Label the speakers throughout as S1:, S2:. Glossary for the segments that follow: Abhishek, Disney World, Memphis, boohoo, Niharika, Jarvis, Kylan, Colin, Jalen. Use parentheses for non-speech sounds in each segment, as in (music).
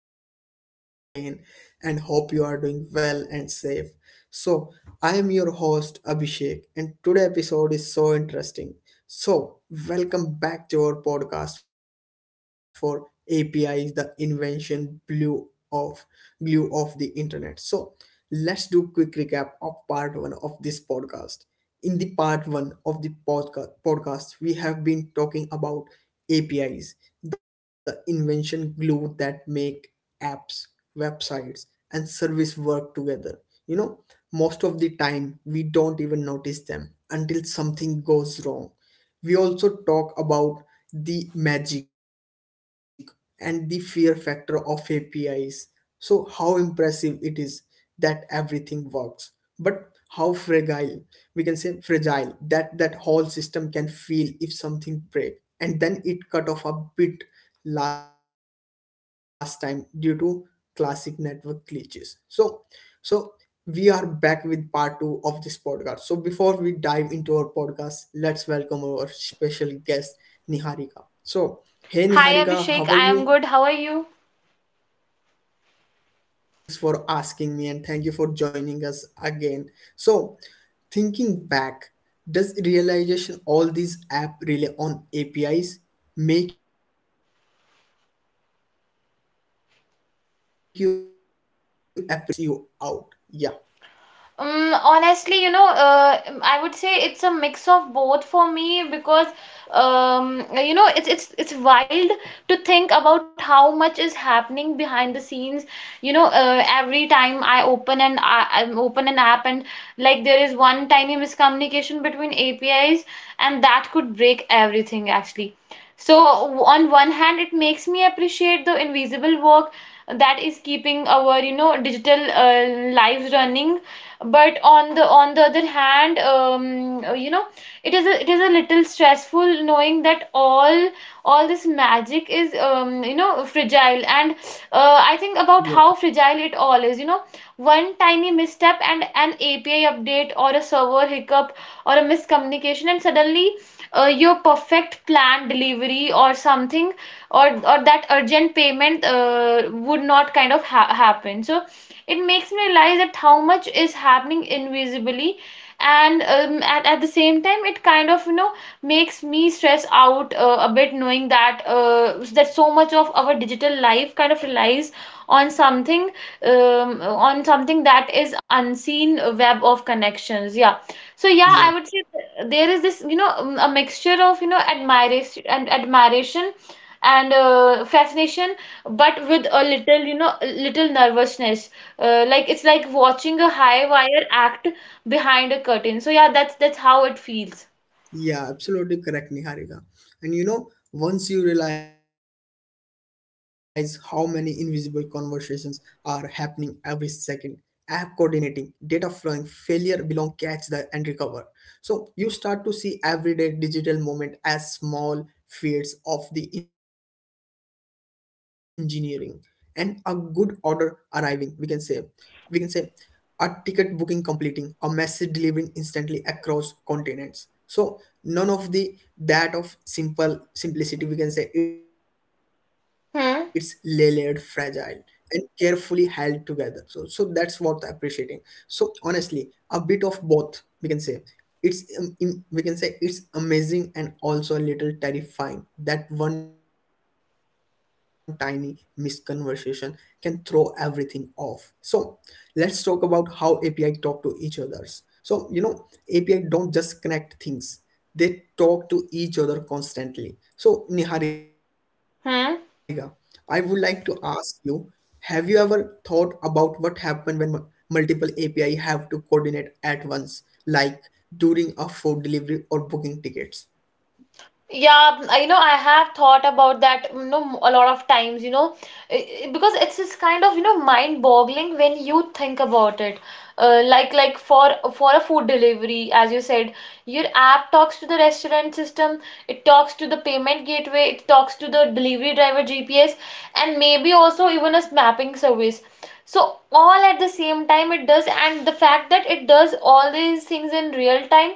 S1: You for joining again. And hope you are doing well and safe. So, I am your host Abhishek, and today episode is so interesting. So, Welcome back to our podcast for API is the invention blue of glue of the internet. So, let's do quick recap of part one of this podcast. In the part one of the podcast, we have been talking about APIs, the invention glue that make apps, websites, and service work together. You know, most of the we don't even notice them until something goes wrong. We also talk about the magic and the fear factor of APIs. So, how impressive it is that everything works, but how fragile we can say fragile that whole system can feel if something break, and then it cut off a bit last time due to classic network glitches. So we are back with part two of this podcast. So before we dive into our podcast, let's special guest Niharika. So hey Niharika, how are you?
S2: Hi Abhishek, I am good. How are you?
S1: I'm also doing great and thanks for asking me and thank you for joining us again. So thinking back, does realization all these app rely on APIs make you appreciate or how much is happening behind the scene or just stress you out? Yeah.
S2: I would say it's a mix of both for me because it's wild to think about how much is happening behind the scenes. Every time I open an I open an app and like there is one tiny miscommunication between APIs and that could break everything actually. So on one hand, it makes me appreciate the invisible work that is keeping our digital lives running, but on the other hand, it is it is a little stressful knowing that all this magic is, you know, fragile, and I think about how fragile it all is, you know, one tiny misstep and an api update or a server hiccup or a miscommunication, and suddenly your perfect planned delivery or something, or that urgent payment would not kind of happen. So it makes me realize that how much is happening invisibly, and at the same time it kind of, you know, makes me stress out a bit, knowing that that so much of our digital life kind of relies on something, on something that is unseen web of connections, yeah. So yeah,
S1: Yeah.
S2: I would say there is this, you know, a mixture of, you know, admiration and fascination, but with a little, you know, little nervousness. Like it's like watching a high wire act behind a curtain. So yeah, that's how it feels.
S1: Yeah, absolutely correct, Niharika. And you know, once you realize how many invisible conversations are happening every second, app coordinating, data flowing, failure belong, catch the and recover. So you start to see everyday digital moment as small feats of the engineering and a good order arriving, we can say. We can say a ticket booking completing, a message delivering instantly across continents. So none of the that of simple simplicity we can say it's layered, fragile,
S2: Hmm.
S1: and carefully held together. So that's worth appreciating. So honestly, a bit of both we can say it's we can say it's amazing and also a little terrifying that one tiny misconversation can throw everything off. So let's talk about how api talk to each others. You know, api don't just connect things, they talk to each other constantly. So, Niharika, I would like to
S2: Hmm.
S1: ask you, have you ever thought about what happens when multiple API have to coordinate at once, like during a food delivery or booking tickets?
S2: Yeah, you know, I have thought about that, you know, a lot of times, you know, because it's just kind of, you know, mind-boggling when you think about it. Like for a food delivery, as you said, your app talks to the restaurant system, it talks to the payment gateway, it talks to the delivery driver GPS, and maybe also even a mapping service. So all at the same time it does, and the fact that it does all these things in real time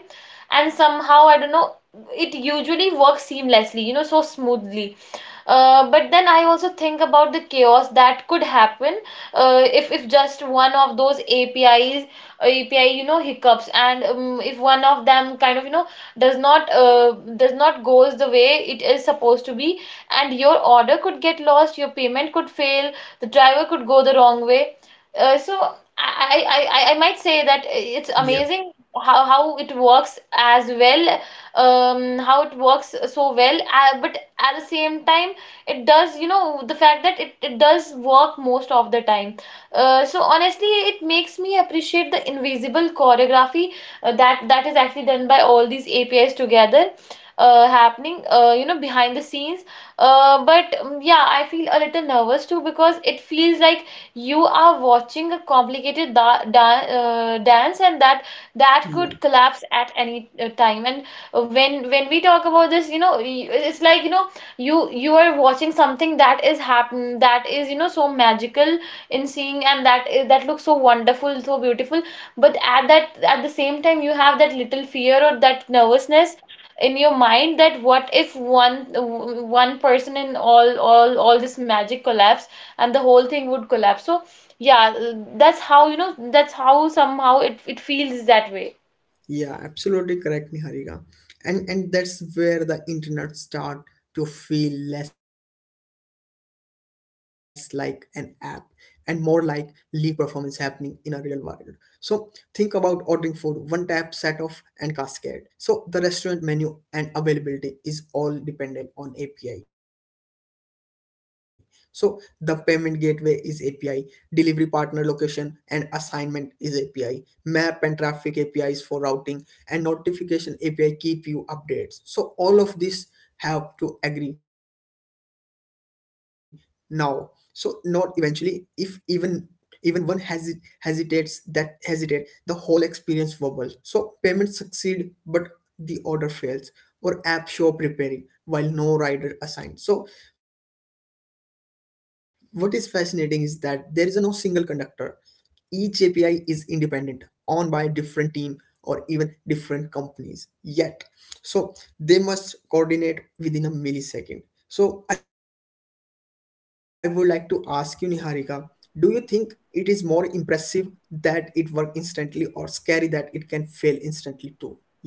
S2: and somehow I don't know, it usually works seamlessly, you know, so smoothly. But then I also think about the chaos that could happen if just one of those APIs, API, you know, hiccups, and if one of them kind of, you know, does not, does not goes the way it is supposed to be, and your order could get lost, your payment could fail, the driver could go the wrong way. So, I might say that it's
S1: Yeah,
S2: amazing how it works as well, how it works so well. But at the same time it does, you know, the fact that it does work most of the time. So honestly it makes me appreciate the invisible choreography that is actually done by all these apis together, happening, you know, behind the scenes. But Yeah, I feel a little nervous too, because it feels like you are watching a complicated dance, and that
S1: yeah.
S2: could collapse at any time. And when we talk about this, you know, it's like, you know, you are watching something that is happen that is, you know, so magical in seeing, and that is that looks so wonderful, so beautiful. But at that at the same time you have that little fear or that nervousness in your mind, that what if one person in all this magic collapse, and the whole thing would collapse. So yeah, that's how, you know, that's how somehow it feels that way.
S1: Yeah, absolutely correct, Niharika. And that's where the internet start to feel less like an app and more like live performance happening in a real world. So think about ordering food, one tap set off and cascade. So the restaurant menu and availability is all dependent on API. So the payment gateway is API, delivery partner location and assignment is API, map and traffic apis for routing and notification api keep you updates. So all of these have to agree now, so not eventually. If even one hesitates, that hesitate the whole experience wobbles. So payments succeed but the order fails, or app show preparing while no rider assigned. So what is fascinating is that there is a no single conductor. Each API is independent, owned by different team or even different companies. Yet, so they must coordinate within a millisecond. So I would like to ask you, Niharika, do you think it is more impressive that it work instantly or scary that it can fail instantly too? Yeah.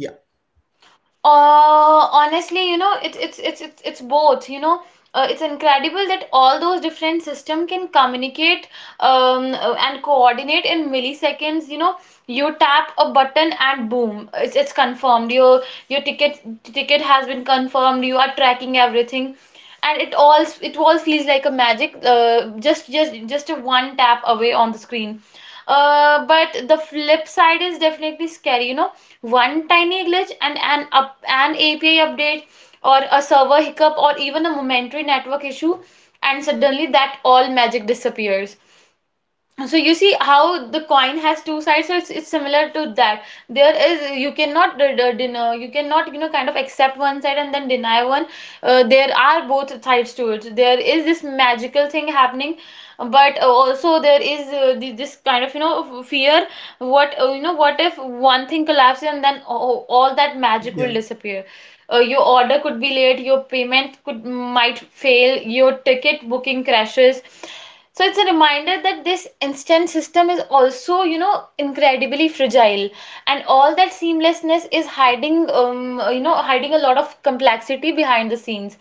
S2: Uh, honestly, you know, it's both. You know, it's incredible that all those different system can communicate, and coordinate in milliseconds. You know, you tap a button and boom, it's confirmed. Your ticket has been confirmed, you are tracking everything, and it all feels like a magic. Just just a one tap away on the screen. But the flip side is definitely scary. You know, one tiny glitch and an API update, or a server hiccup, or even a momentary network issue, and suddenly that all magic disappears. So you see how the coin has two sides, so it's similar to that. There is, you cannot deny, you cannot, you know, kind of accept one side and then deny one. There are both sides to it, there is this magical thing happening, but also there is this kind of, you know, fear, what you know, what if one thing collapses, and then all
S1: Yeah.
S2: that magic will disappear. Your order could be late, your payment could might fail, your ticket booking crashes. So it's a reminder that this instant system is also, you know, incredibly fragile, and all that seamlessness is hiding, you know, hiding a lot of complexity behind the scenes.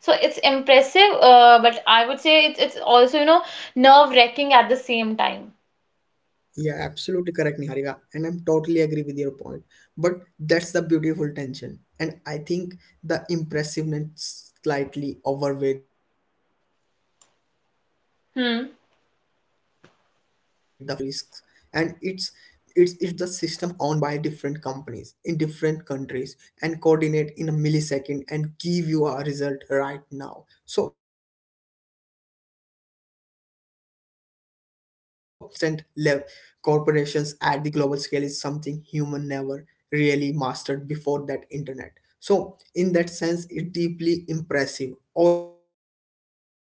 S2: So it's impressive, but I would say it's also, you know, nerve-wracking at the same time.
S1: Yeah, absolutely correct, Niharika. And I'm totally agree with your point. But that's the beautiful tension. And I think the impressiveness slightly overweight the fear, but only because we have
S2: Hmm.
S1: learned to live with the risks. And it's the system owned by different companies in different countries and coordinate in a millisecond and give you a result right now. So that level of instant cord we can say that's instant level corporations at the global scale is something human never really mastered before that internet. So in that sense it's deeply impressive, almost optimistic,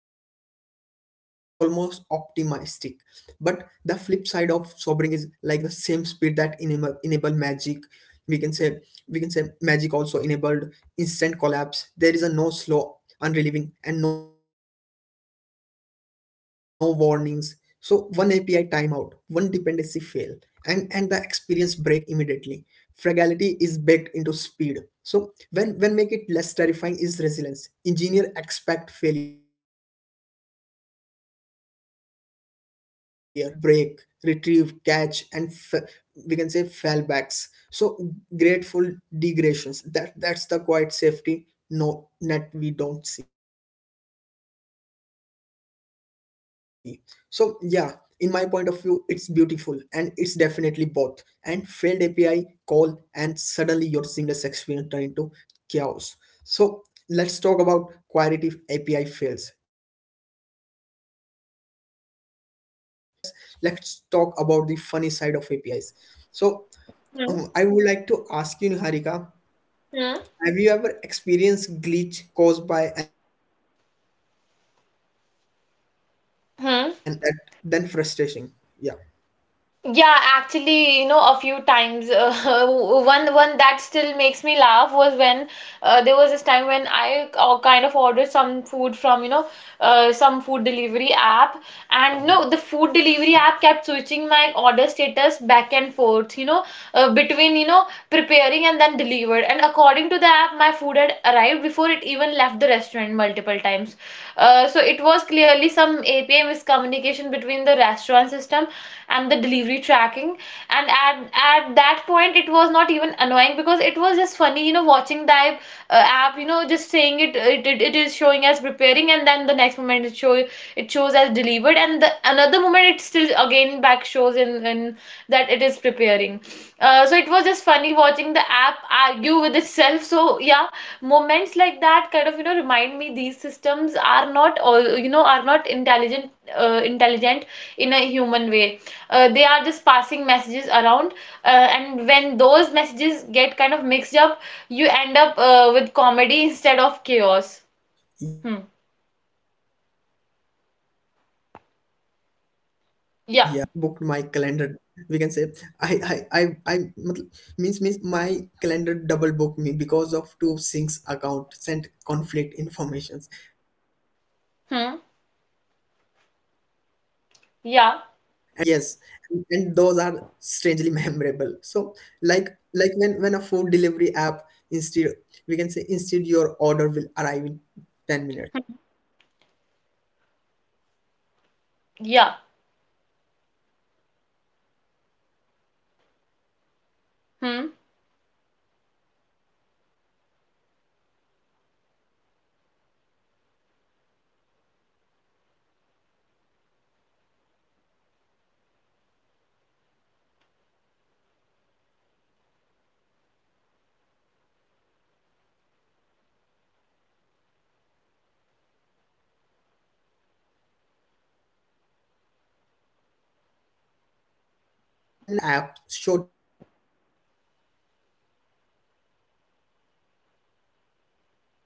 S1: but the flip side of sobering is like the same speed that enable magic, we can say, we can say magic also enabled instant collapse. There is a no slow, unrelieving and no warnings. So one api timeout, one dependency fail, and the experience break immediately. Fragility is baked into speed. So when make it less terrifying is resilience engineer expect failure system. So they are designed like assuming thing will break retrieve, catch, and we can say fallbacks. So grateful degradations. That's the quiet safety no net we don't see. So yeah, in my point of view, it's beautiful and it's definitely both. And failed API call and suddenly your seamless experience turn into chaos. So let's talk about query if API fails. We can talk about the how API work. Let's let's let's talk about the funny side of APIs. So
S2: Hmm.
S1: I would like to ask you, Niharika,
S2: Hmm.
S1: have you ever experienced glitch caused by an API that was never and more
S2: Hmm.
S1: funny that, than frustrating? Yeah.
S2: Yeah, actually, you know, a few times, (laughs) one that still makes me laugh was when there was this time when I kind of ordered some food from, you know, some food delivery app, and no, the food delivery app kept switching my order status back and forth, you know, between, you know, preparing and then delivered. And according to the app, my food had arrived before it even left the restaurant multiple times. So it was clearly some API miscommunication between the restaurant system and the delivery tracking. And at that point, it was not even annoying, because it was just funny, you know, watching that app, you know, just saying it is showing as preparing, and then the next moment it shows as delivered, and the another moment it still again back shows in that it is preparing. So it was just funny watching the app argue with itself. So yeah, moments like that kind of, you know, remind me these systems are not all, you know, are not intelligent, intelligent in a human way. They are just passing messages around, and when those messages get kind of mixed up, you end up with comedy instead of chaos. Hmm.
S1: Yeah, (laughs) absolutely right, Niharika. Yeah, and you know, I once had booked my
S2: Yeah.
S1: calendar. We can say I matl- means means my calendar double booked me because of two syncs account sent conflict informations, and it was hilarious
S2: Hmm.
S1: until I had to explain to my team. And yes,
S2: Yeah.
S1: and those are strangely (laughs) memorable. So like like when a food delivery app instead we can say instead your order will arrive in 10 minutes
S2: Hmm.
S1: for 10 minutes to minute we can say when a rider
S2: Yeah.
S1: rider hailing app showed your driver calmly cursing and through
S2: Hmm.
S1: the, a lake of buildings as of if we have unblocked a secret level of reality. So those glitches are funny because nothing is actually at risk. You can sense the system trying its best, just miscommunication with itself. Instead of feeling angry it feel amount almost human, like watching someone confidently give wrong answers. So Niharika, I would like to ask you, do you think these quarks make digital life more human or just unpredictable?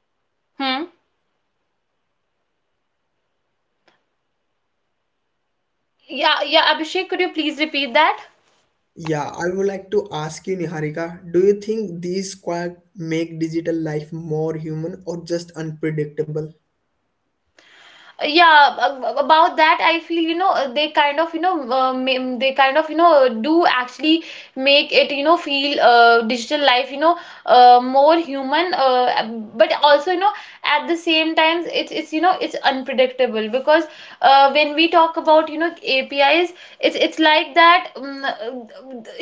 S1: Yeah.
S2: Hmm. Yeah. Yeah, Abhishek, could you please repeat that?
S1: Yeah, I would like to ask you Niharika, do you think these quarks make digital life more human or just unpredictable?
S2: Yeah. About that, I feel, you know, they kind of, you know, they kind of, you know, do actually make it, you know, feel, digital life, you know, more human. But also, you know, at the same time it's, you know, it's unpredictable, because when we talk about, you know, apis, it's like that, um,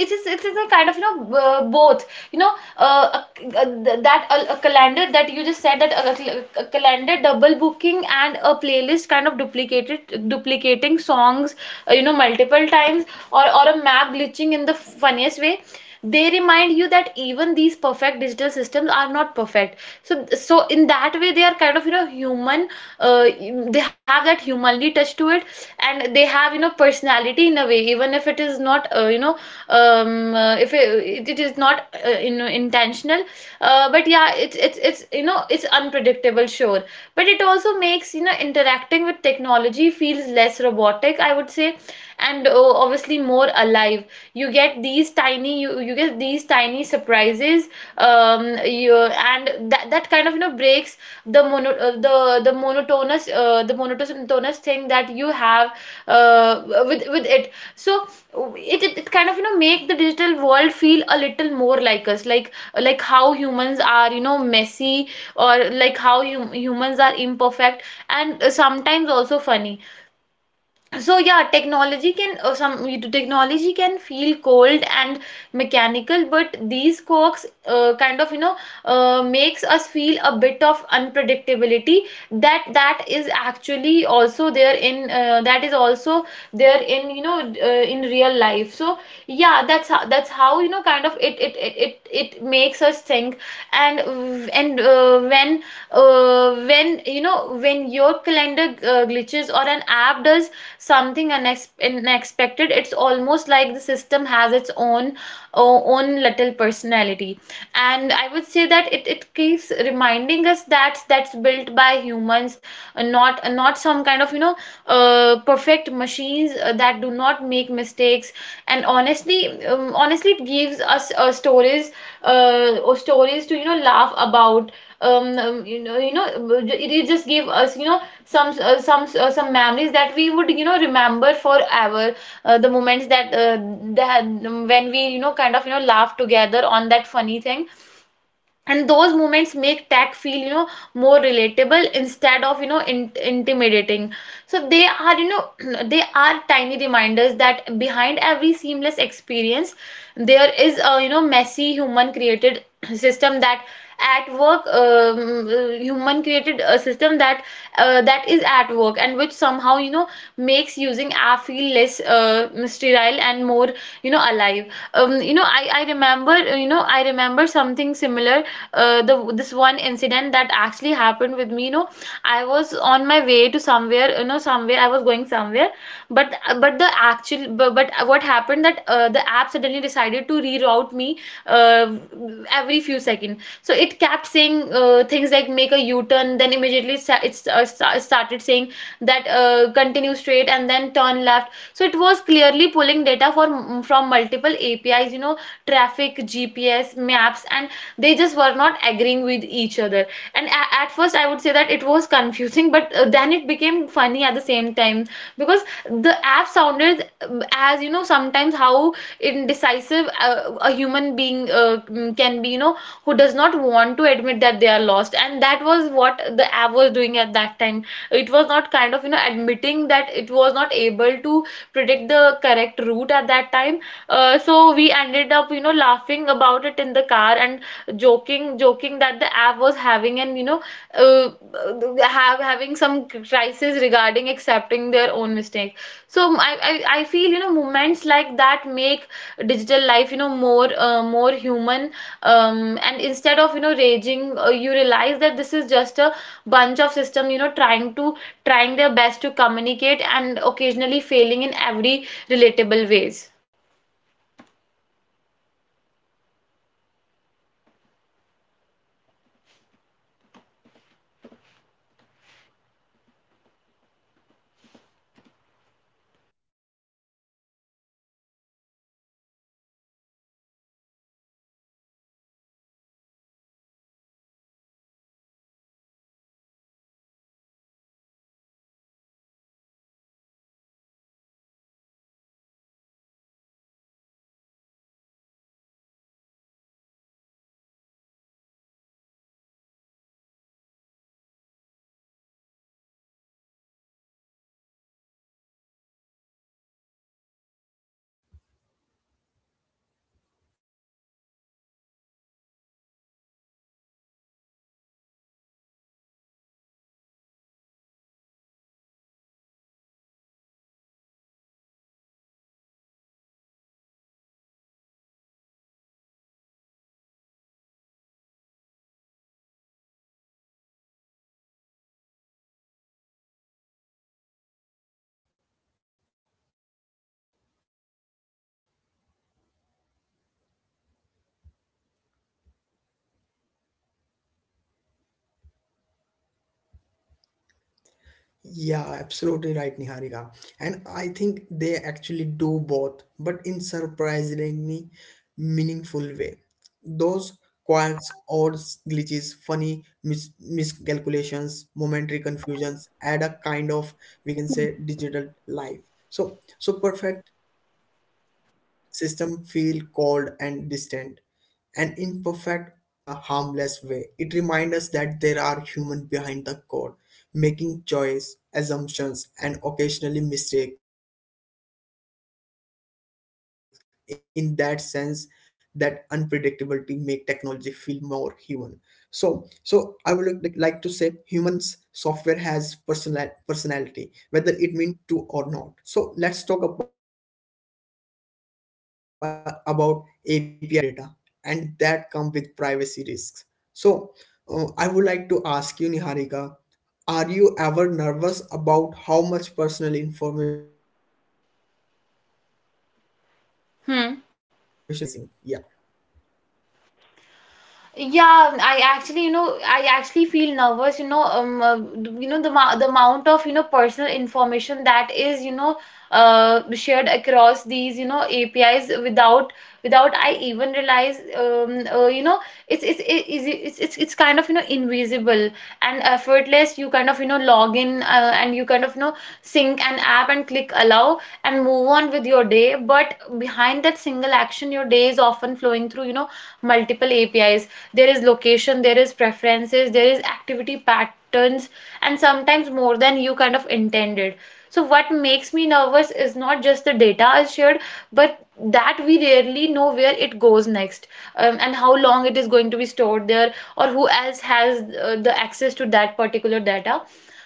S2: it's it's it's a kind of, you know, both, you know, a calendar that you just said, that a calendar double booking, and a playlist kind of duplicated duplicating songs you know, multiple times, or a map glitching in the funniest way. They remind you that even these perfect digital systems are not perfect. So, so in that way they are kind of, you know, human. uh, they have that humanly touch to it, and they have, you know, personality in a way, even if it is not, you know, if it, it is not, you know, intentional. But yeah, it's, you know, it's unpredictable, sure, but it also makes, you know, interacting with technology feels less robotic, I would say, and obviously more alive. You get these tiny, you get these tiny surprises, and that kind of, you know, breaks the monotonous, thing that you have with it. So it kind of make the digital world feel a little more like us, like how humans are messy, or like how humans are imperfect and sometimes also funny. So yeah, technology can some technology can feel cold and mechanical, but these quirks kind of makes us feel a bit of unpredictability that is actually also there in that is also there in you know in real life. So yeah, that's how kind of it makes us think. And when when your calendar glitches or an app does something unexpected, it's almost like the system has its own little personality. And I would say that it keeps reminding us that that's built by humans, not some kind of perfect machines that do not make mistakes. And honestly, it gives us stories or stories to laugh about. um, um, you know you know it just gave us some some memories that we would remember forever, the moments that that when we kind of laugh together on that funny thing. And those moments make tech feel more relatable instead of intimidating. So they are (clears throat) they are tiny reminders that behind every seamless experience there is a messy human created (clears throat) system that at work human created a system that that is at work, and which somehow makes using app feel less sterile and more alive. I remember something similar. The This one incident that actually happened with me, I was on my way to somewhere, I was going somewhere, but what happened that the app suddenly decided to reroute me uh, every few seconds. So it kept saying things like make a U-turn, then immediately started saying that continue straight, and then turn left. So it was clearly pulling data from multiple APIs, traffic, GPS, maps, and they just were not agreeing with each other. And at first I would say that it was confusing, (laughs) but then it became funny at the same time, because the app sounded, as sometimes how indecisive a human being can be, who does not want to admit that they are lost. And that was what the app was doing at that time. It was not kind of admitting that it was not able to predict the correct route at that time. So we ended up laughing about it in the car and joking, that the app was having an, you know uh, have having some crisis regarding accepting their own mistake. So I feel, moments like that make digital life more human, and instead of raging, you realize that this is just a bunch of system trying to trying their best to communicate and occasionally failing in every relatable ways.
S1: Yeah, absolutely right, Niharika. And I think they actually do both, but in surprisingly meaningful way. Those quirks, odds, glitches, funny miscalculations, momentary confusions add a kind of, we can say, digital life. So, so perfect system feel cold ones feel relatable. When an app stumbles in a harmless way, it reminds us that there are humans behind the code, making choice, assumptions, and occasionally mistakes. In that sense, that unpredictability make technology feel more human. So, so I would like to say humans software has personal personality whether it means to or not. So let's talk about APIs and privacy. You know, API handle a lot of data and that come with privacy risks. So I would like to ask you, Niharika, are you ever nervous about how much personal information is shared across API without you
S2: Hmm.
S1: realizing? Yeah.
S2: Yeah, I actually, feel nervous, the amount of, personal information that is, shared across these, APIs without I even realize. It's it- is it- it's kind of, invisible and effortless. You kind of, log in, and you kind of, sync an app and click allow and move on with your day. But behind that single action, your day is often flowing through, multiple APIs. There is location, there is preferences, there is activity patterns, and sometimes more than you kind of intended. So what makes me nervous is not just the data is shared, but that we rarely know where it goes next, and how long it is going to be stored there, or who else has the access to that particular data.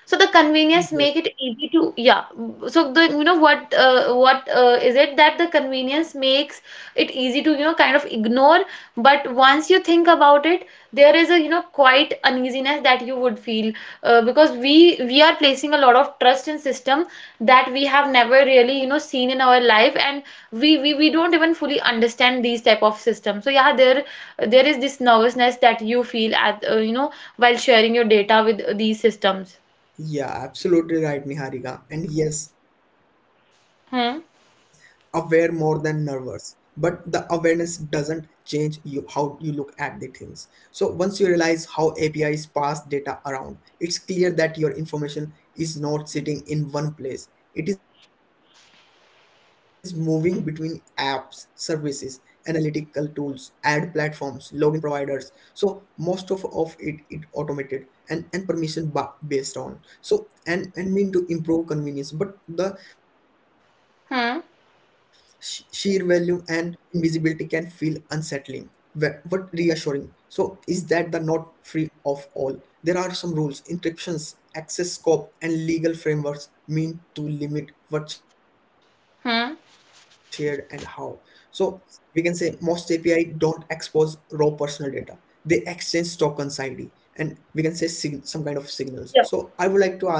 S2: So the convenience make it easy to, yeah, so the you know what is it that the convenience makes it easy to kind of ignore. But once you think about it, there is a quite uneasiness that you would feel, because we are placing a lot of trust in system that we have never really seen in our life, and we don't even fully understand these type of systems. So yeah, there is this nervousness that you feel at, while sharing your data with these systems.
S1: Yeah, absolutely right, Niharika. And yes, aware more than
S2: Hmm.
S1: nervous. But the awareness doesn't change you how you look at the things. So once you realize how APIs pass data around, it's clear that your information is not sitting in one place. It is moving between apps, services, analytical tools, ad platforms, login providers. So most of it it automated and permission based on. So and mean to improve convenience, but the sheer value
S2: Hmm.
S1: and invisibility can feel unsettling, but reassuring. So is that the not free of all? There are some rules, encryptions, access scope, and legal frameworks mean to limit what's shared and how.
S2: Hmm.
S1: So we can say most api don't expose raw personal data, they exchange tokens id and we can say some kind of signals. So I would like to
S2: Yeah.
S1: ask you Niharika,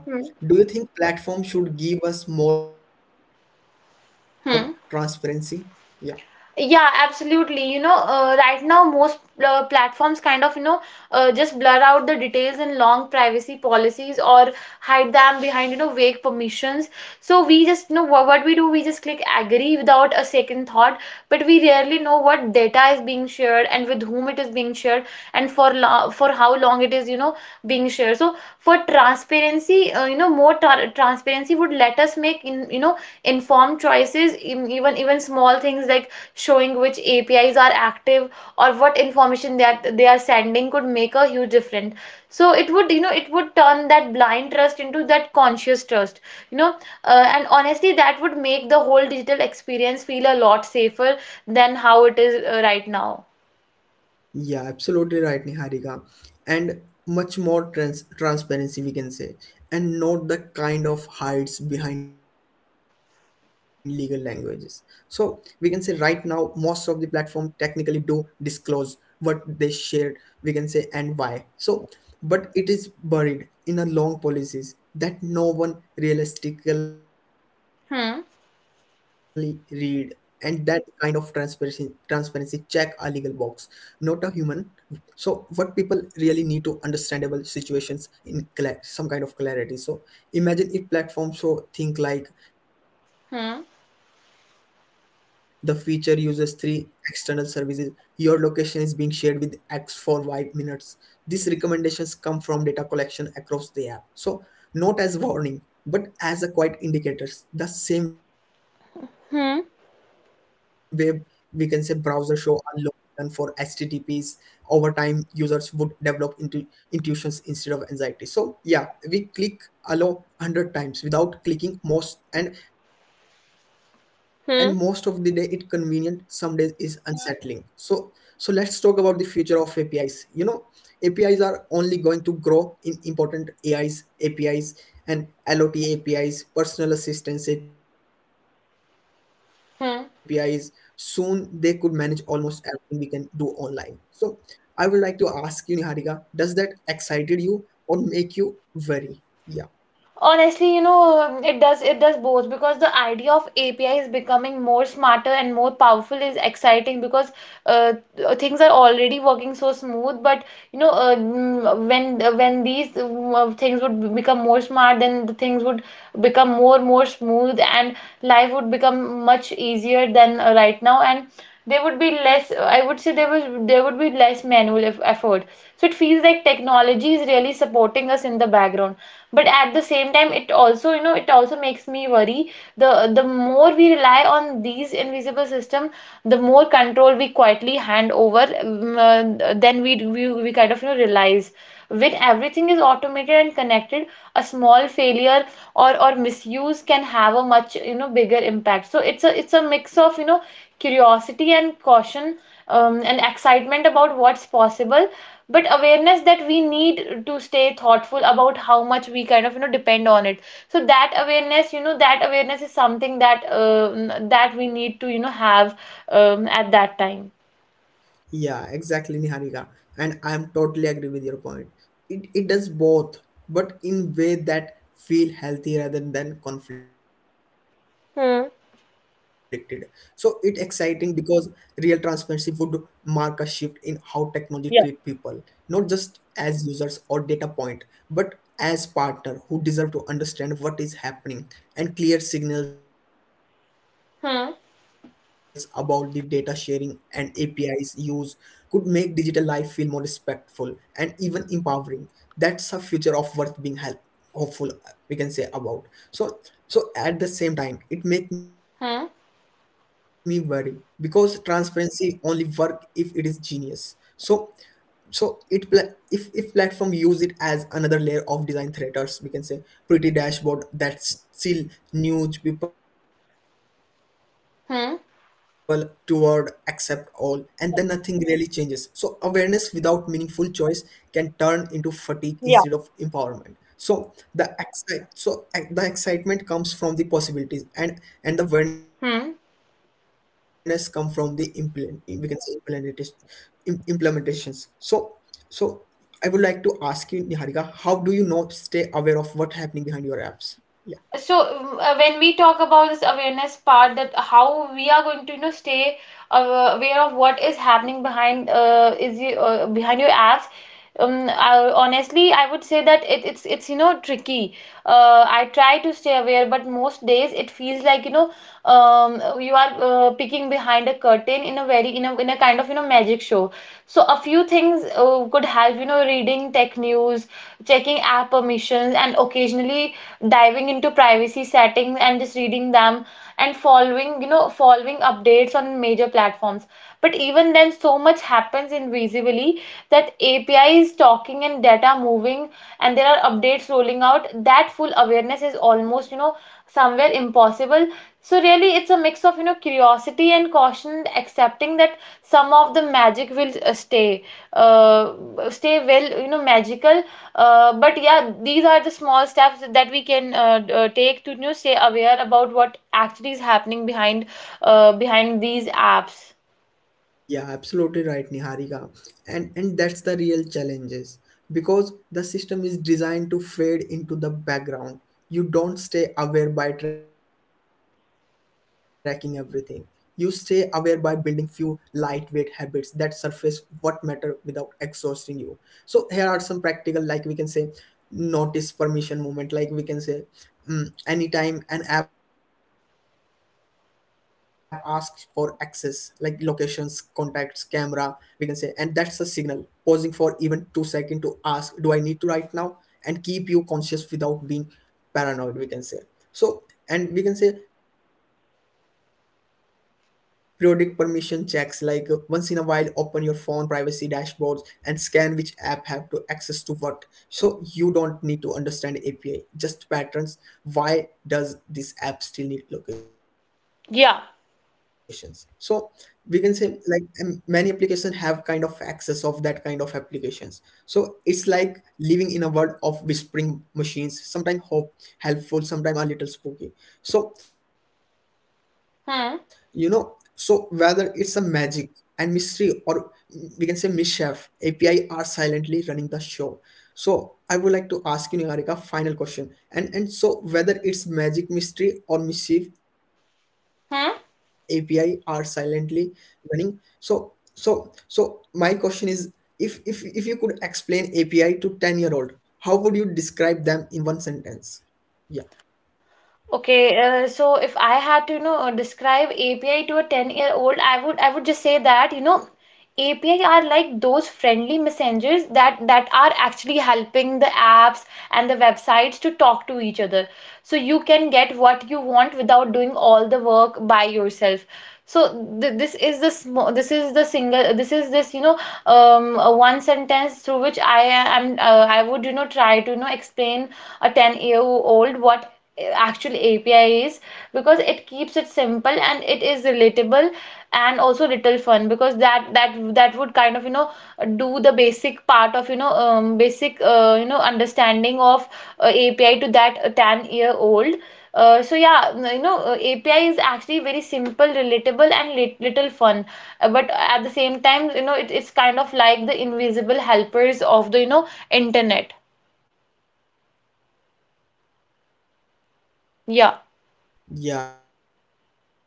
S1: do you
S2: Hmm.
S1: think platform should give us more transparency? Yeah.
S2: Hmm. Yeah, absolutely. Right now most platforms kind of, just blur out the details in long privacy policies, or hide them behind, vague permissions. So we just, what we do, we just click agree without a second thought, but we rarely know what data is being shared, and with whom it is being shared, and for lo for how long it is, being shared. So for transparency, more transparency would let us make informed choices. Even small things like showing which APIs are active or what information that they are sending could make a huge difference. So it would, turn that blind trust into that conscious trust, you know, and honestly, that would make the whole digital experience feel a lot safer than how it is right now.
S1: Yeah, absolutely right, Niharika. And much more transparency, we can say, and not the kind of hides behind legal languages. So, we can say right now, most of the platform technically do disclose what they shared, we can say, and why. So, but it is buried in a long policies that no one realistically read, and
S2: Hmm.
S1: that kind of transparency check a legal box, not a human. So what people really need to understandable situations in some kind of clarity. So imagine if platform show think like the feature uses three
S2: Hmm.
S1: external services. Your location is being shared with X for Y minutes. These recommendations come from data collection across the app. So not as warning, but as a quiet indicators. The same way we can say browser show a
S2: Hmm.
S1: low icon for https over time users would develop into intuitions instead of anxiety. So yeah, we click allow 100 times without clicking most and most of the day it convenient, some days
S2: Hmm.
S1: is unsettling. So let's talk about the future of apis. Apis are only going to grow in important ais apis and lot apis personal assistance apis. Soon they could manage
S2: Hmm.
S1: almost everything we can do online. So I would like to ask you, Niharika, does that excited you or make you worry? Yeah,
S2: Honestly, it does both, because the idea of A P is becoming more smarter and more powerful is exciting because things are already working so smooth. But when these things would become more smart, then the things would become more smooth, and life would become much easier than right now. And there would be less. I would say there would be less manual effort. So it feels like technology is really supporting us in the background, but at the same time, it also makes me worry. The the more we rely on these invisible system, the more control we quietly hand over. Then we kind of realize, when everything is automated and connected, a small failure or misuse can have a much bigger impact. So it's a mix of curiosity and caution, and excitement about what's possible, but awareness that we need to stay thoughtful about how much we kind of depend on it. So that awareness is something that, we need to have, at that time.
S1: yeah, exactly, Niharika. And I'm totally agree with your point. It does both, but in way that feel healthy rather than conflicted. So it exciting
S2: Hmm.
S1: because real transparency would mark a shift in how technology treat people, not just
S2: Yeah.
S1: as users or data point, but as partner who deserve to understand what is happening, and clear signals about the data sharing and
S2: Hmm.
S1: APIs use could make digital life feel more respectful and even empowering. That's a future of worth being help, hopeful we can say about. So at the same time it make me worry because
S2: Hmm.
S1: transparency only work if it is genius. So if platform use it as another layer of design threaters we can say, pretty dashboard that still nudge people toward accept all and then
S2: Hmm.
S1: nothing really changes. So awareness without meaningful choice can turn into fatigue instead of empowerment. So
S2: Yeah.
S1: the excitement comes from the possibilities, and the awareness come from the implement
S2: Hmm.
S1: we can say implementation implementations. So so I would like to ask you, Niharika, how do you know stay aware of what happening behind your apps? Yeah.
S2: So when we talk about this awareness part, that how we are going to stay aware of what is happening behind your apps, honestly, I would say that it's tricky. I try to stay aware, but most days it feels like, you are peeking behind a curtain in a kind of magic show. So a few things could help, reading tech news, checking app permissions, and occasionally diving into privacy settings and just reading them, and following, updates on major platforms. But even then, so much happens invisibly, that API is talking and data moving, and there are updates rolling out, that full awareness is almost, somewhere impossible. So really, it's a mix of, curiosity and caution, accepting that some of the magic will uh, stay, well, magical. But yeah, these are the small steps that we can take to, stay aware about what actually is happening behind, these apps.
S1: Yeah, absolutely right, Niharika. And that's the real challenges because the system is designed to fade into the background. You don't stay aware by tracking everything. You stay aware by building few lightweight habits that surface what matter without exhausting you. So here are some practical, like we can say, notice permission moment. Like we can say, anytime an app asks for access, like locations, contacts, camera, we can say, and that's a signal. Pausing for even 2 seconds to ask do I need to right now and keep you conscious without being paranoid, we can say. So and we can say periodic permission checks, like once in a while open your phone privacy dashboards and scan which app have to access to what, so you don't need to understand api, just patterns. Why does this app still need
S2: Yeah.
S1: locations? So we can say, like, many applications have kind of access of that kind of applications. So it's like living in a world of whispering machines, sometimes hope helpful, sometimes a little spooky. So
S2: Hmm.
S1: so whether it's a magic and mystery, or we can say mischief, api are silently running the show. So I would like to ask you, Niharika, final question. And so whether it's magic, mystery, or mischief,
S2: Hmm.
S1: api are silently running. So my question is, if you could explain api to 10 year old, how would you describe them in one sentence? Yeah.
S2: Okay, so if I had to, describe API to a 10-year-old, I would just say that, API are like those friendly messengers that are actually helping the apps and the websites to talk to each other, so you can get what you want without doing all the work by yourself. So th this is the sm this is the single this is this, one sentence through which I would, try to, explain a 10-year-old what actual API is, because it keeps it simple and it is relatable, and also little fun, because that would kind of do the basic part of, basic, understanding of API to that 10-year-old So yeah, API is actually very simple, relatable, and little fun. But at the same time, it's kind of like the invisible helpers of the, internet. Yeah.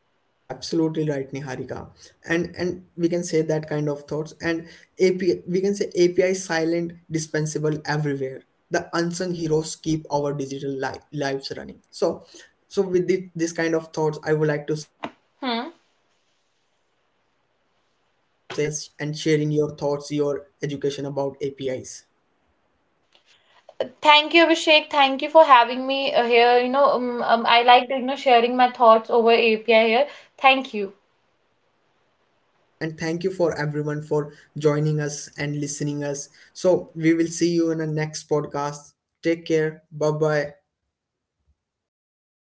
S1: Yeah, absolutely right, Niharika. And we can say that kind of thoughts. And API, we can say API is silent, dispensable everywhere. The unsung heroes keep our digital lives running. So, so with this kind of thoughts, I would like to say
S2: Hmm.
S1: thank you, Niharika. Thank you so much, and thank you for joining us and sharing your thoughts, your education about APIs.
S2: Thank you, Abhishek. Thank you for having me here. I like, sharing my thoughts over API here. Thank you.
S1: Thank you so much and thank you for everyone for joining us and listening us. So we will see you in the next podcast. Take care. Bye bye.